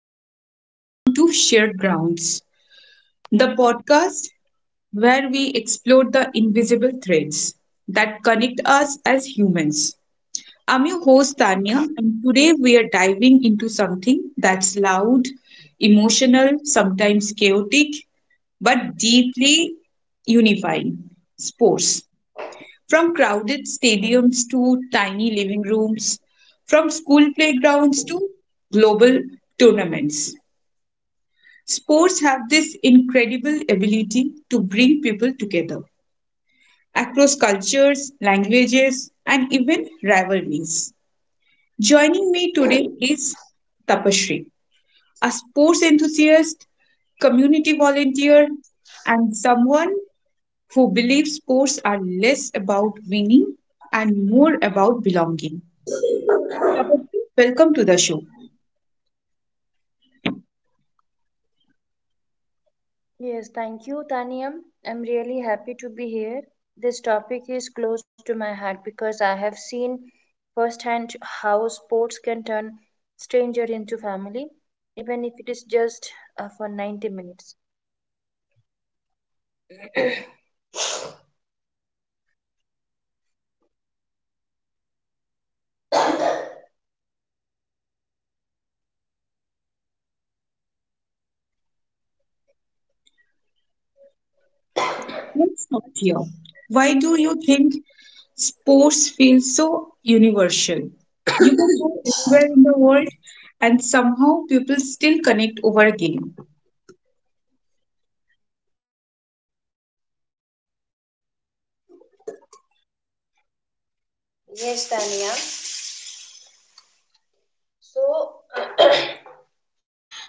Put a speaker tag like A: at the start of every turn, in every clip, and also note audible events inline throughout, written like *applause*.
A: everyone, and welcome to Shared Grounds, the podcast where we explore the invisible threads that connect us as humans. I'm your host, Tanya, and today we are diving into something that's loud, emotional, sometimes chaotic, but deeply unifying sports. From crowded stadiums to tiny living rooms, from school playgrounds to global tournaments. Sports have this incredible ability to bring people together across cultures, languages, and even rivalries. Joining me today is Tapashri, a sports enthusiast, community volunteer, and someone who believes sports are less about winning and more about belonging. Tapashri, welcome to the show.
B: Yes, thank you, Taniam. I'm really happy to be here. This topic is close to my heart because I have seen firsthand how sports can turn stranger into family, even if it is just for 90 minutes.
A: Let's start here. Why do you think sports feel so universal? You can go anywhere in the world and somehow people still connect over a game.
B: Yes, Tania. So,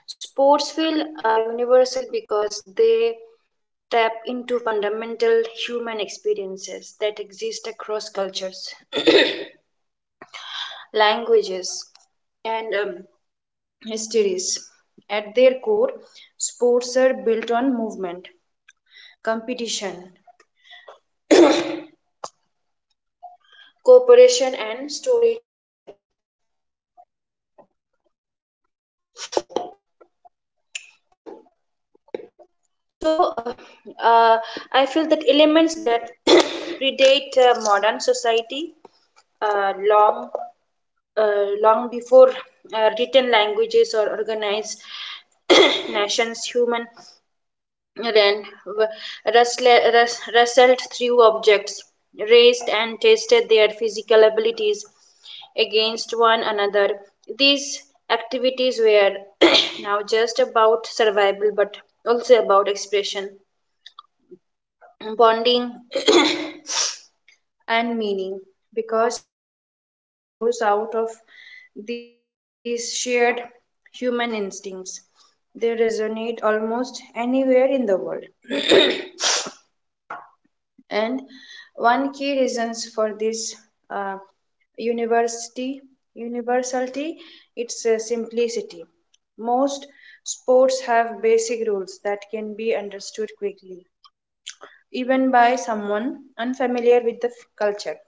B: sports feel universal because they tap into fundamental human experiences that exist across cultures, languages, and Hysteries. At their core, sports are built on movement, competition, cooperation, and storytelling. So, uh, uh, I feel that elements that *coughs* *clears throat* predate modern society uh, long, long before written languages or organized *coughs* *clears throat* nations, human Wren w- wrestle- wres- wrestled through objects, raced and tested their physical abilities against one another. These activities were *coughs* *clears throat* now just about survival but also about expression, bonding, *coughs* *clears throat* and meaning because sports grows out of these shared human instincts. They resonate almost anywhere in the world. And one key reasons for this uh, university universality it's simplicity. Most sports have basic rules that can be understood quickly, even by someone unfamiliar with the culture.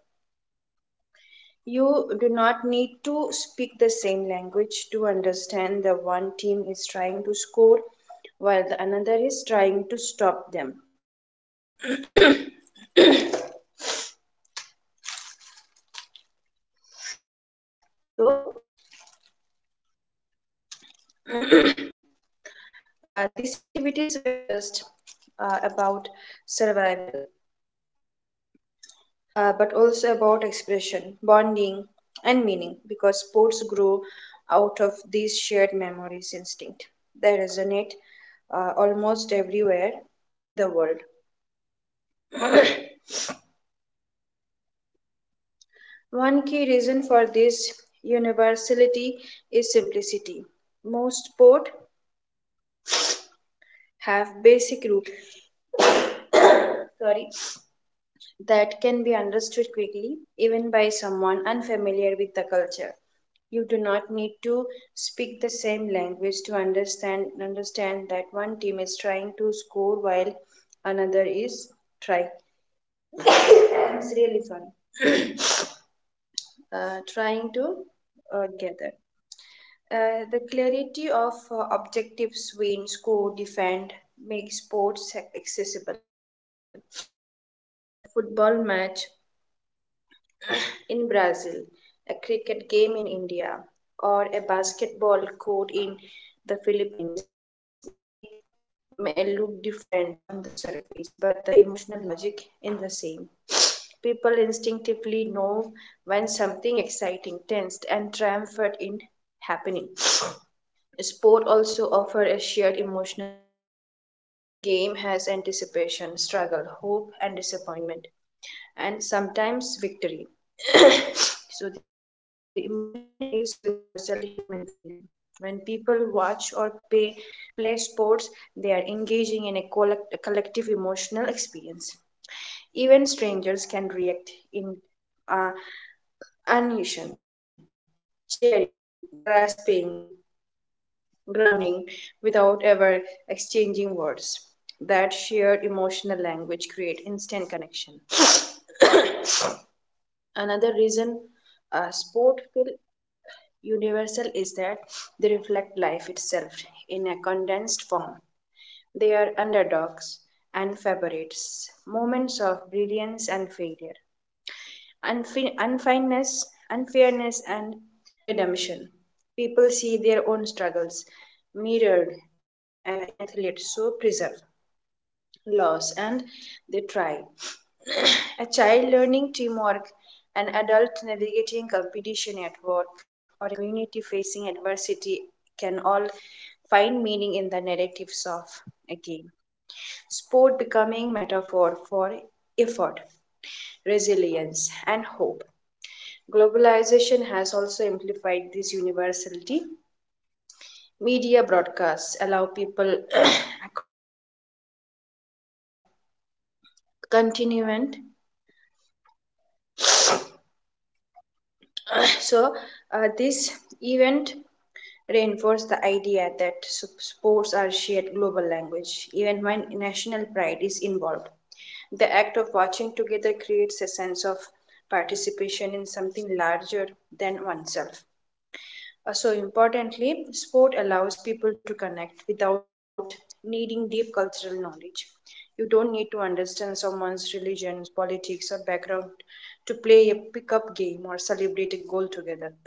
B: You do not need to speak the same language to understand the one team is trying to score while the another is trying to stop them. So these activities were just about survival, but also about expression, bonding, and meaning because sports grow out of these shared memories instinct. They resonate almost everywhere in the world. One key reason for this universality is simplicity. Most sports have basic rules. Sorry that can be understood quickly, even by someone unfamiliar with the culture. You do not need to speak the same language to understand that one team is trying to score while another is trying. It's really fun. Trying to gather. The clarity of objectives, win, score, defend, make sports accessible. A football match in Brazil, a cricket game in India, or a basketball court in the Philippines make may look different on the surface, but the emotional logic is the same. People instinctively know when something exciting, tense, and triumphant is happening. Sport also offers a shared emotional rhythm. Every game has anticipation, struggle, hope, and disappointment, and sometimes victory. So the emotion is universal human feeling. When people play sports, they are engaging in a collective emotional experience. Even strangers can react in uh, animation, cheering, grasping, grounding without ever exchanging words. That shared emotional language create instant connection. Another reason sport feel Universal is that they reflect life itself in a condensed form. They are underdogs and favorites, moments of brilliance and failure, unfineness, unfairness, and redemption. People see their own struggles mirrored in athletes who preserve loss and they try. A child learning teamwork, an adult navigating competition at work, or a community facing adversity can all find meaning in the narratives of a game. Sport becoming metaphor for effort, resilience, and hope. Globalization has also amplified this universality. Media broadcasts allow people *coughs* across continue continuant. So this event reinforced the idea that sports are shared global language, even when national pride is involved. The act of watching together creates a sense of participation in something larger than oneself. So, importantly, sport allows people to connect without needing deep cultural knowledge. You don't need to understand someone's religion, politics, or background to play a pickup game or celebrate a goal together.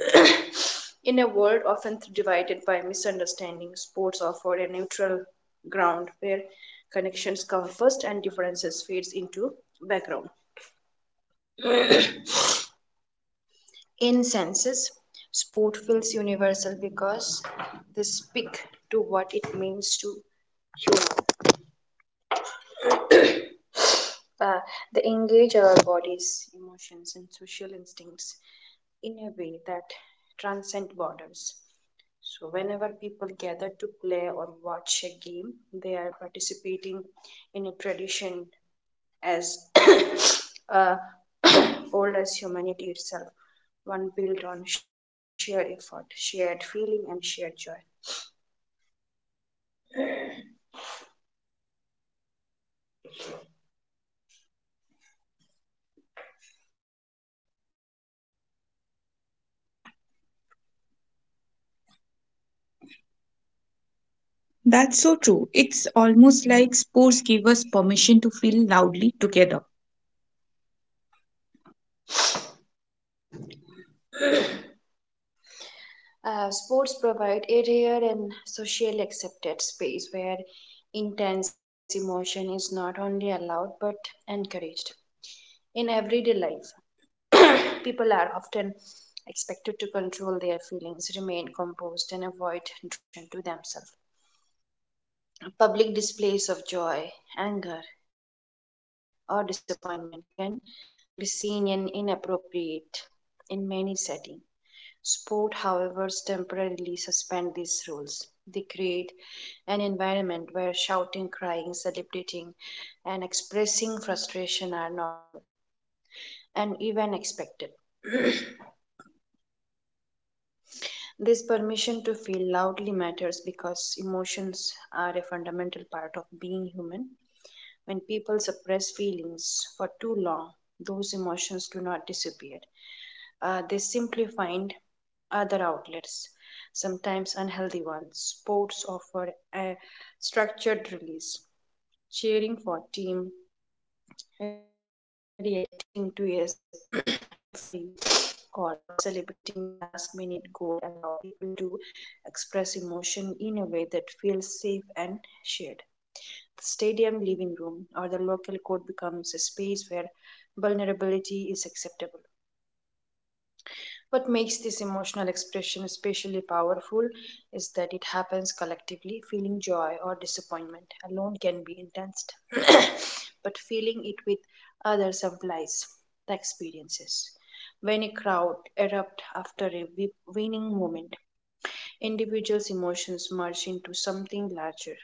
B: In a world often divided by misunderstanding, sports offer a neutral ground where connections come first and differences fades into background. In senses, sport feels universal because they speak to what it means to human. Uh, they engage our bodies, emotions, and social instincts in a way that transcend borders. So, whenever people gather to play or watch a game, they are participating in a tradition as *coughs* uh, *coughs* old as humanity itself, one built on shared effort, shared feeling, and shared joy.
A: That's so true. It's almost like sports give us permission to feel loudly together.
B: Sports provide a rare and socially accepted space where intense emotion is not only allowed but encouraged. In everyday life, *coughs* *clears throat* people are often expected to control their feelings, remain composed, and avoid drawing attention to themselves. Public displays of joy, anger, or disappointment can be seen and inappropriate in many settings. Sport, however, temporarily suspend these rules. They create an environment where shouting, crying, celebrating, and expressing frustration are normal and even expected. This permission to feel loudly matters because emotions are a fundamental part of being human. When people suppress feelings for too long, those emotions do not disappear. They simply find other outlets, sometimes unhealthy ones. Sports offer a structured release. Cheering for team reacting to a *clears throat* referee call or celebrating a last minute goal allow people to express emotion in a way that feels safe and shared. The stadium living room or the local court becomes a space where vulnerability is acceptable. What makes this emotional expression especially powerful is that it happens collectively. Feeling joy or disappointment alone can be intense, *coughs* but feeling it with others amplifies the experiences. When a crowd erupts after a winning moment, individuals' emotions merge into something larger.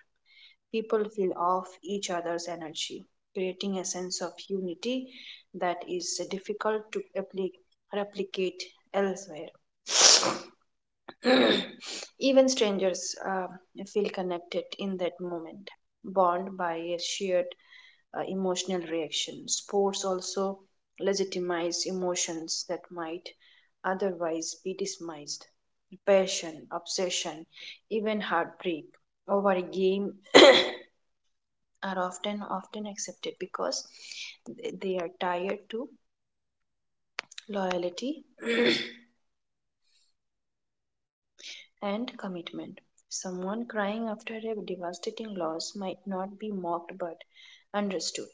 B: People feel off each other's energy, creating a sense of unity that is difficult to replicate elsewhere. *clears throat* *sniffs* Even strangers feel connected in that moment, bound by a shared emotional reaction. Sports also legitimize emotions that might otherwise be dismissed. Passion, obsession, even heartbreak over a game *clears throat* *coughs* are often accepted because they are tied to loyalty *clears throat* *coughs* and commitment. Someone crying after a devastating loss might not be mocked but understood.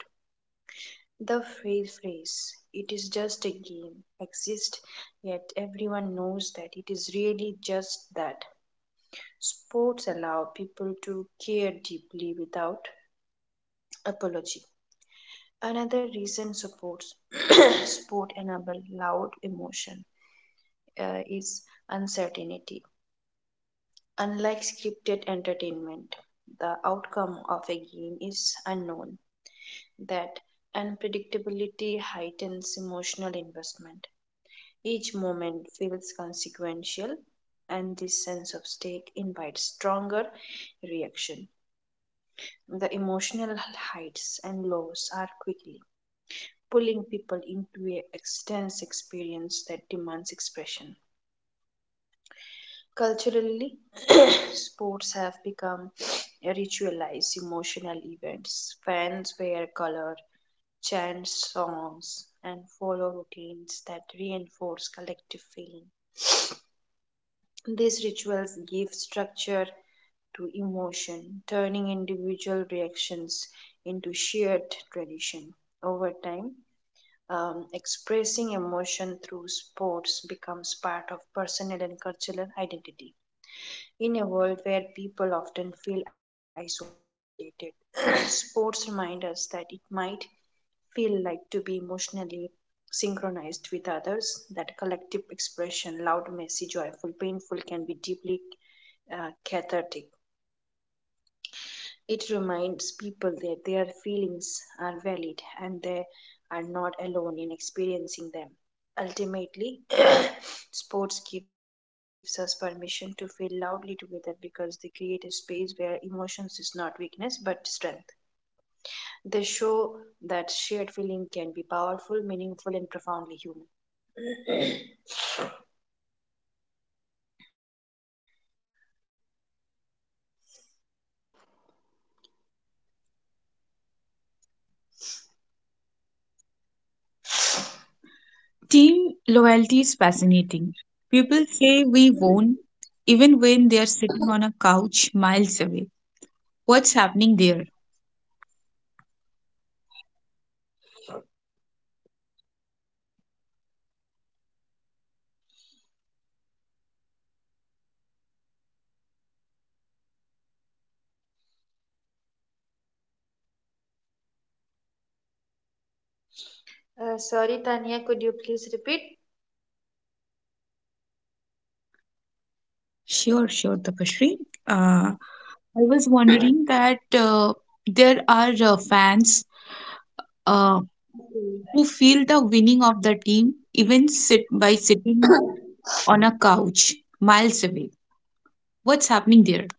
B: The phrase it is just a game exists, yet everyone knows that it is really just that. Sports allow people to care deeply without apology. Another reason supports *clears throat* *coughs* sport enable loud emotion. Is uncertainty. Unlike scripted entertainment, the outcome of a game is unknown. That unpredictability heightens emotional investment. Each moment feels consequential, and this sense of stake invites stronger reaction. The emotional heights and lows are quickly pulling people into an intense experience that demands expression. Culturally, *clears throat* sports have become ritualized emotional events. Fans wear color, chant songs, and follow routines that reinforce collective feeling. These rituals give structure to emotion, turning individual reactions into shared tradition. Over time, expressing emotion through sports becomes part of personal and cultural identity. In a world where people often feel isolated, *clears throat* sports remind us that it might feel like to be emotionally synchronized with others, that collective expression, loud, messy, joyful, painful, can be deeply cathartic. It reminds people that their feelings are valid and they are not alone in experiencing them. Ultimately, sports gives us permission to feel loudly together because they create a space where emotions is not weakness but strength. They show that shared feeling can be powerful, meaningful, and profoundly human.
A: Team loyalty is fascinating. People say we won even when they are sitting on a couch miles away. What's happening there?
B: Sorry, Tanya, could you please repeat?
A: Sure, sure, Tapashri. Uh, I was wondering that there are fans uh, who feel the winning of the team even sit by sitting on a
B: *coughs*
A: couch miles away. What's happening there?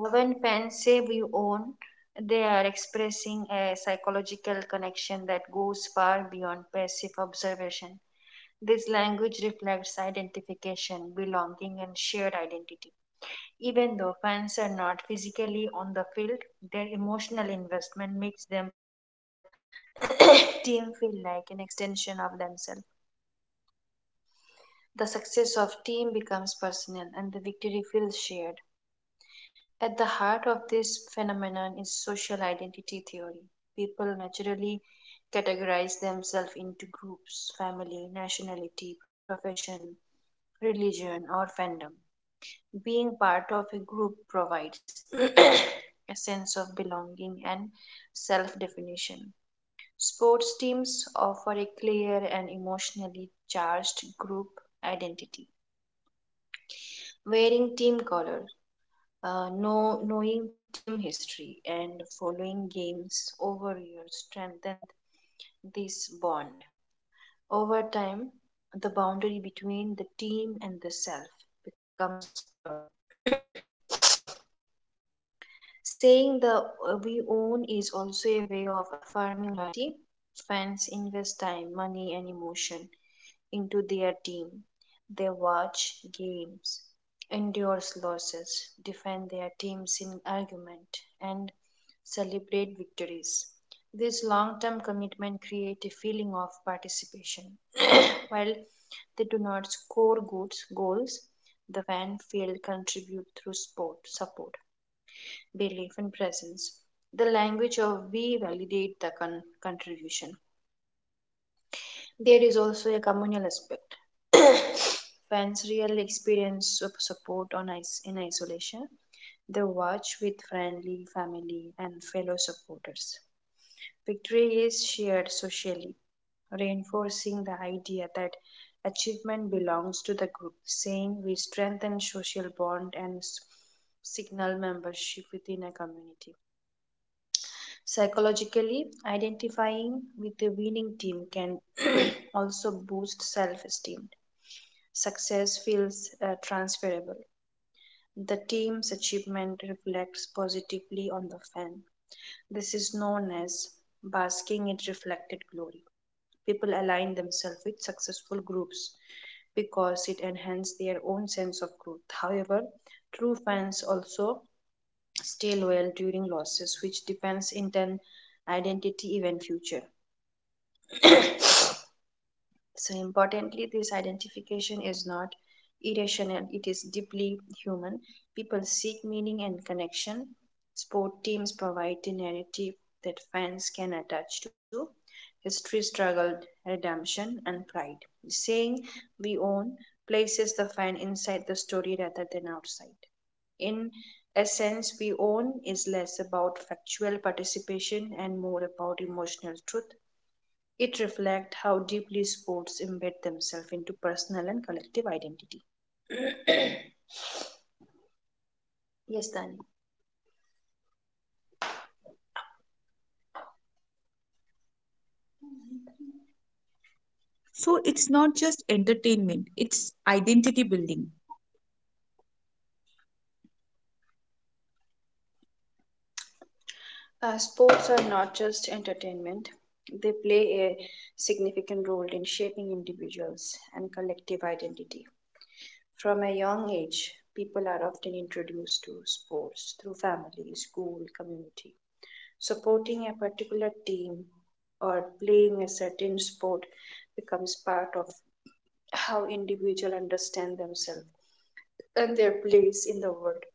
B: When fans say we own, they are expressing a psychological connection that goes far beyond passive observation. This language reflects identification, belonging, and shared identity. Even though fans are not physically on the field, their emotional investment makes them *coughs* team feel like an extension of themselves. The success of team becomes personal and the victory feels shared. At the heart of this phenomenon is social identity theory. People naturally categorize themselves into groups, family, nationality, profession, religion, or fandom. Being part of a group provides *coughs* *clears throat* a sense of belonging and self definition. Sports teams offer a clear and emotionally charged group identity. Wearing team colors, knowing team history, and following games over years strengthened this bond. Over time, the boundary between the team and the self becomes blurred. *coughs* *clears throat* Saying the we own is also a way of affirming loyalty. Fans invest time, money, and emotion into their team. They watch games, endorse losses, defend their teams in argument, and celebrate victories. This long term commitment creates a feeling of participation. While they do not score good goals, the fan feel contribute through sport support belief in presence the language of we validate the contribution there is also a communal aspect fans real experience of support on in isolation they watch with friendly family and fellow supporters victory is shared socially reinforcing the idea that achievement belongs to the group saying we strengthen social bond and signal membership within a community. Psychologically, identifying with the winning team can *clears throat* also boost self esteem. Success feels transferable. The team's achievement reflects positively on the fan. This is known as basking in reflected glory. People align themselves with successful groups because it enhances their own sense of growth. However, true fans also Stillwell during losses, which depends in turn identity event future. *coughs* So importantly, this identification is not irrational; it is deeply human. People seek meaning and connection. Sport teams provide the narrative that fans can attach to. History struggle, redemption and pride. Saying we own places the fan inside the story rather than outside. In essence, we own is less about factual participation and more about emotional truth. It reflects how deeply sports embed themselves into personal and collective identity. Yes, Dani.
A: So it's not just entertainment, it's identity building.
B: Sports are not just entertainment, they play a significant role in shaping individuals and collective identity. From a young age, people are often introduced to sports through family, school, community, supporting a particular team or playing a certain sport becomes part of how individuals understand themselves and their place in the world.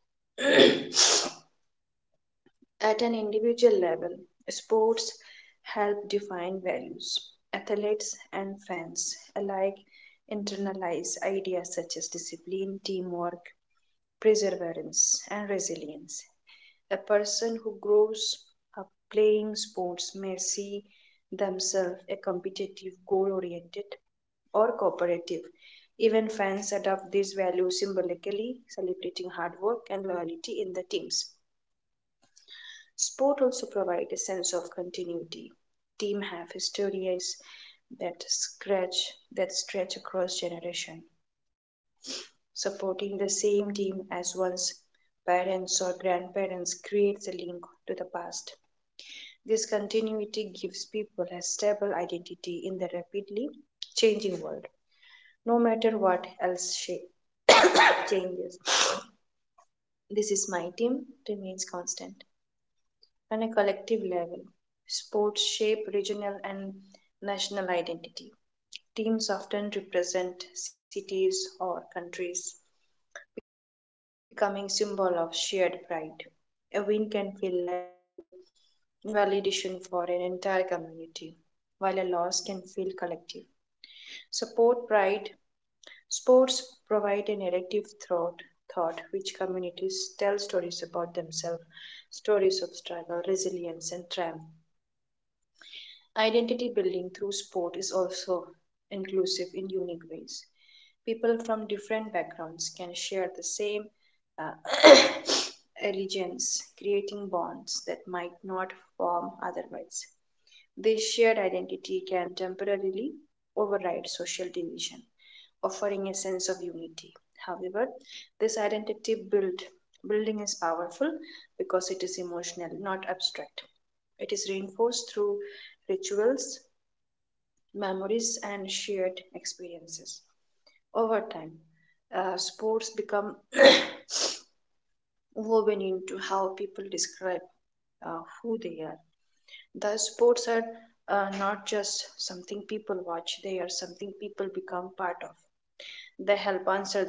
B: At an individual level, sports help define values. Athletes and fans alike internalize ideas such as discipline, teamwork, perseverance, and resilience. A person who grows up playing sports may see themselves a competitive, goal oriented, or cooperative. Even fans adopt these values symbolically, celebrating hard work and loyalty in the teams. Sport also provides a sense of continuity. Teams have histories that stretch that stretch across generation. Supporting the same team as one's parents or grandparents creates a link to the past. This continuity gives people a stable identity in the rapidly changing world, no matter what else shape changes. This is my team remains constant. On a collective level, sports shape regional and national identity. Teams often represent cities or countries, becoming symbol of shared pride. A win can feel like validation for an entire community, while a loss can feel collective. Support pride. Sports provide a narrative thought which communities tell stories about themselves, stories of struggle, resilience, and triumph. Identity building through sport is also inclusive in unique ways. People from different backgrounds can share the same uh, *coughs* allegiance, creating bonds that might not form otherwise. This shared identity can temporarily override social division offering a sense of unity. However, this identity building is powerful because it is emotional, not abstract. It is reinforced through rituals, memories, and shared experiences. Over time, sports become *coughs* woven into how people describe who they are. Thus, sports are not just something people watch, they are something people become part of.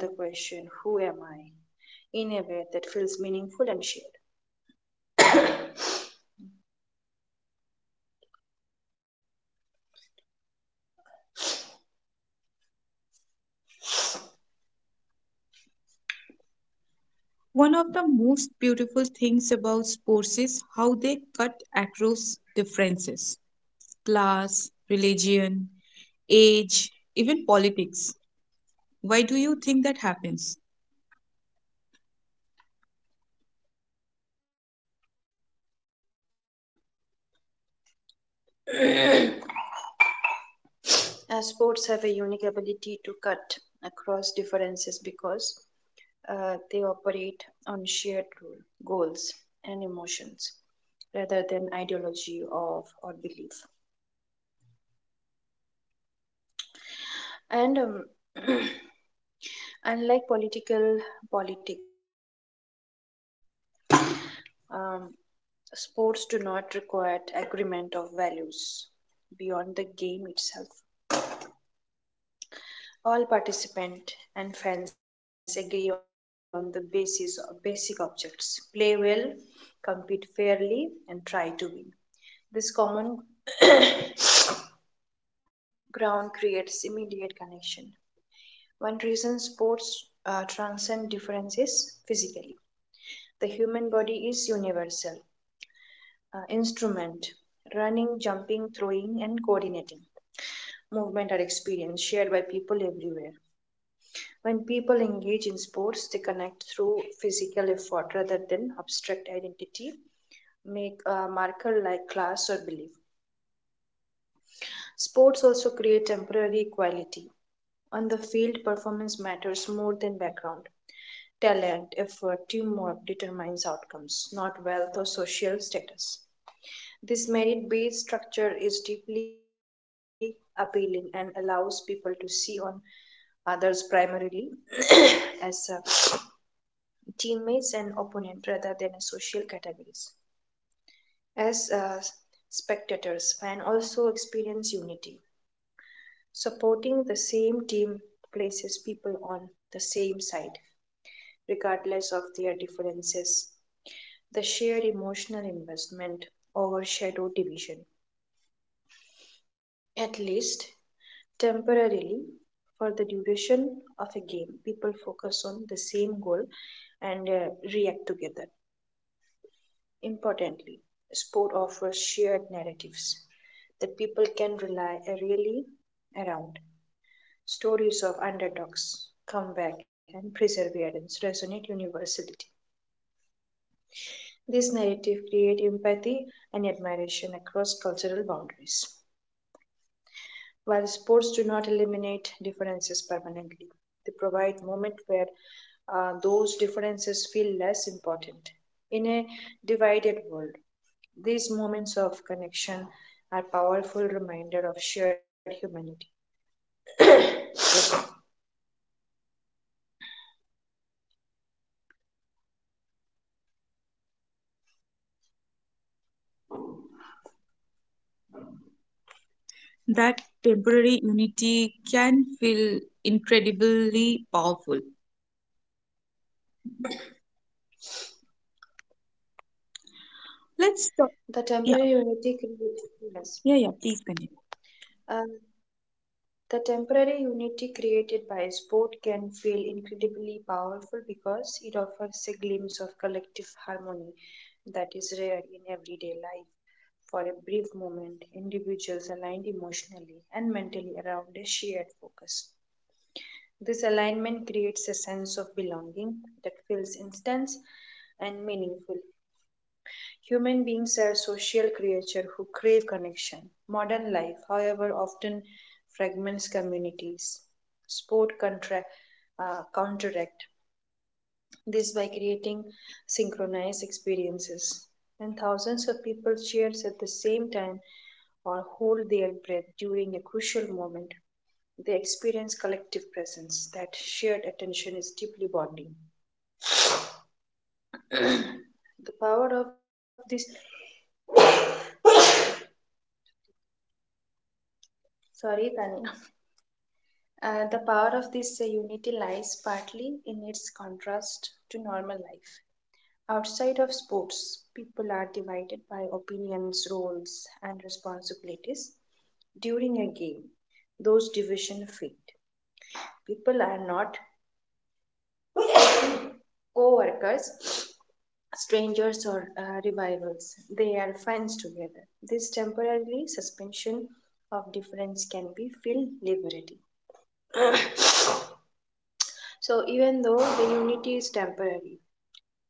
B: They help answer the question, who am I, in a way that feels meaningful and shared.
A: One of the most beautiful things about sports is how they cut across differences, class, religion, age, even politics. Why do you think that happens?
B: Sports have a unique ability to cut across differences because they operate on shared rule, goals, and emotions rather than ideology of or belief. And *clears throat* unlike political politics or religion, um, sports do not require agreement of values beyond the game itself. All participants and fans agree on the basis of basic objects play well, compete fairly, and try to win. This common ground creates immediate connection. One reason sports transcend differences physically. The human body is universal. Instrument, running, jumping, throwing, and coordinating. Movement are experience shared by people everywhere. When people engage in sports, they connect through physical effort rather than abstract identity, make a marker like class or belief. Sports also create temporary equality. On the field, performance matters more than background. Talent, effort, teamwork determines outcomes, not wealth or social status. This merit based structure is deeply appealing and allows people to see on others primarily as teammates and opponent rather than social categories. As spectators, fans also experience unity. Supporting the same team places people on the same side, regardless of their differences. The shared emotional investment overshadowed division, at least temporarily. For the duration of a game, people focus on the same goal and react together. Importantly, sport offers shared narratives that people can rely really around. Stories of underdogs, comeback, and perseverance resonate universally. These narratives create empathy and admiration across cultural boundaries. While sports do not eliminate differences permanently, they provide moments where those differences feel less important. In a divided world, these moments of connection are powerful reminder of shared humanity.
A: That temporary unity can feel incredibly powerful. Let's
B: The
A: talk.
B: temporary
A: Yeah,
B: unity created yes,
A: yeah, yeah. Please continue.
B: uh, the temporary unity created by sport can feel incredibly powerful because it offers a glimpse of collective harmony that is rare in everyday life. For a brief moment, individuals aligned emotionally and mentally around a shared focus. This alignment creates a sense of belonging that feels instant and meaningful. Human beings are social creatures who crave connection. Modern life, however, often fragments communities. Sport contra- Counteract this by creating synchronized experiences. When thousands of people cheers at the same time or hold their breath during a crucial moment, they experience collective presence. That shared attention is deeply bonding. The power of this, sorry, Tanya, the power of this unity lies partly in its contrast to normal life. Outside of sports, people are divided by opinions, roles, and responsibilities. During a game, those divisions fade. People are not co workers, strangers or revivals. They are fans together. This temporarily suspension of difference can be feel liberating. So even though the unity is temporary,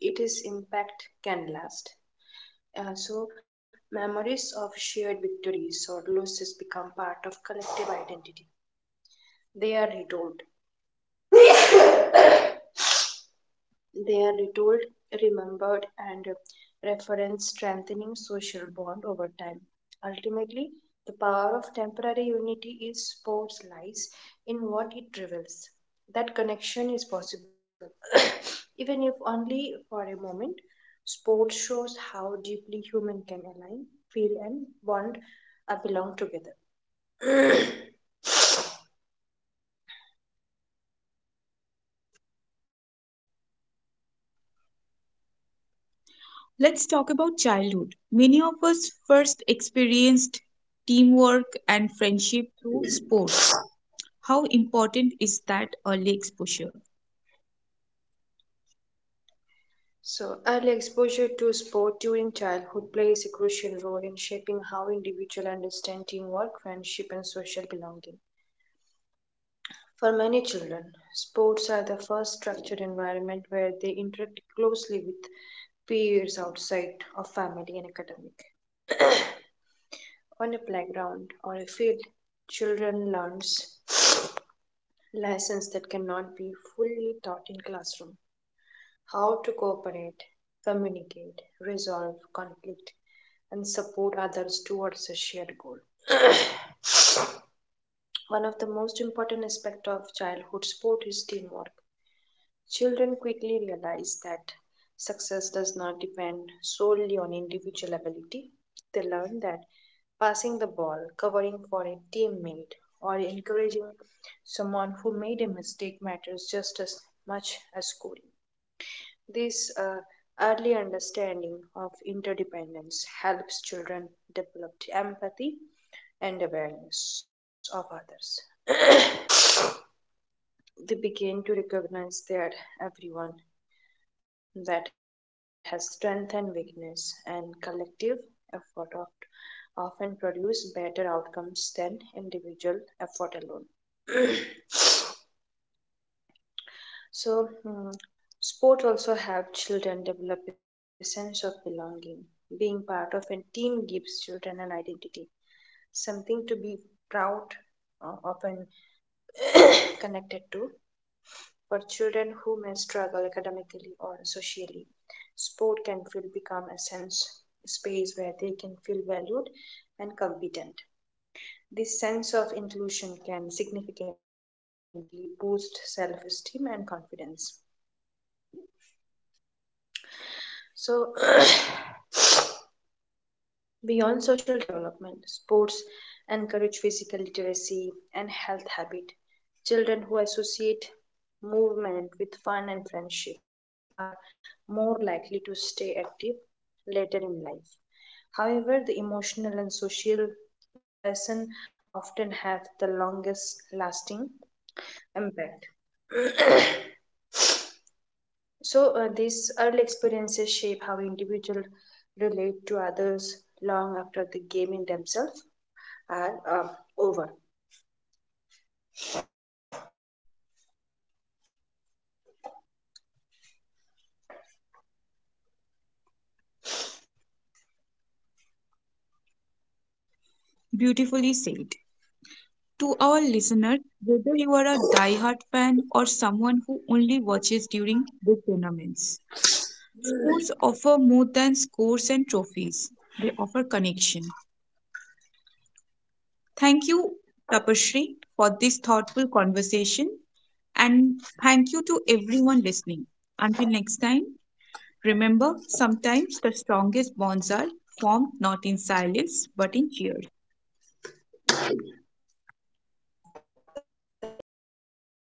B: it is impact can last. So memories of shared victories or losses become part of collective identity. They are retold They are retold, remembered, and referenced, strengthening social bond over time. Ultimately, the power of temporary unity is sports lies in what it reveals. That connection is possible, *coughs* even if only for a moment. Sports shows how deeply human can align, feel, and bond, belong together. *coughs*
A: Let's talk about childhood. Many of us first experienced teamwork and friendship through sports. How important is that early exposure?
B: So, early exposure to sport during childhood plays a crucial role in shaping how individuals understand teamwork, friendship, and social belonging. For many children, sports are the first structured environment where they interact closely with peers outside of family and academic. On a playground or a field, children learns lessons that cannot be fully taught in classroom. How to cooperate, communicate, resolve conflict, and support others towards a shared goal. One of the most important aspects of childhood sport is teamwork. Children quickly realize that success does not depend solely on individual ability. They learn that passing the ball, covering for a teammate, or encouraging someone who made a mistake matters just as much as scoring. This early understanding of interdependence helps children develop empathy and awareness of others. They begin to recognize that everyone that has strength and weakness and collective effort of, often produce better outcomes than individual effort alone. So, mm, Sport also helps children develop a sense of belonging. Being part of a team gives children an identity, something to be proud of, often connected to for children who may struggle academically or socially. Sport can feel become a sense space where they can feel valued and competent. This sense of inclusion can significantly boost self-esteem and confidence. So beyond social development, sports encourage physical literacy and health habit. Children who associate movement with fun and friendship are more likely to stay active later in life. However, the emotional and social lesson often have the longest lasting impact. So, these early experiences shape how individuals relate to others long after the gaming themselves and over.
A: Beautifully said. To our listeners, whether you are a diehard fan or someone who only watches during the tournaments, sports offer more than scores and trophies, they offer connection. Thank you, Tapashri, for this thoughtful conversation. And thank you to everyone listening. Until next time, remember sometimes the strongest bonds are formed not in silence but in cheers.
B: Thank you, Tanya. Thank you so much.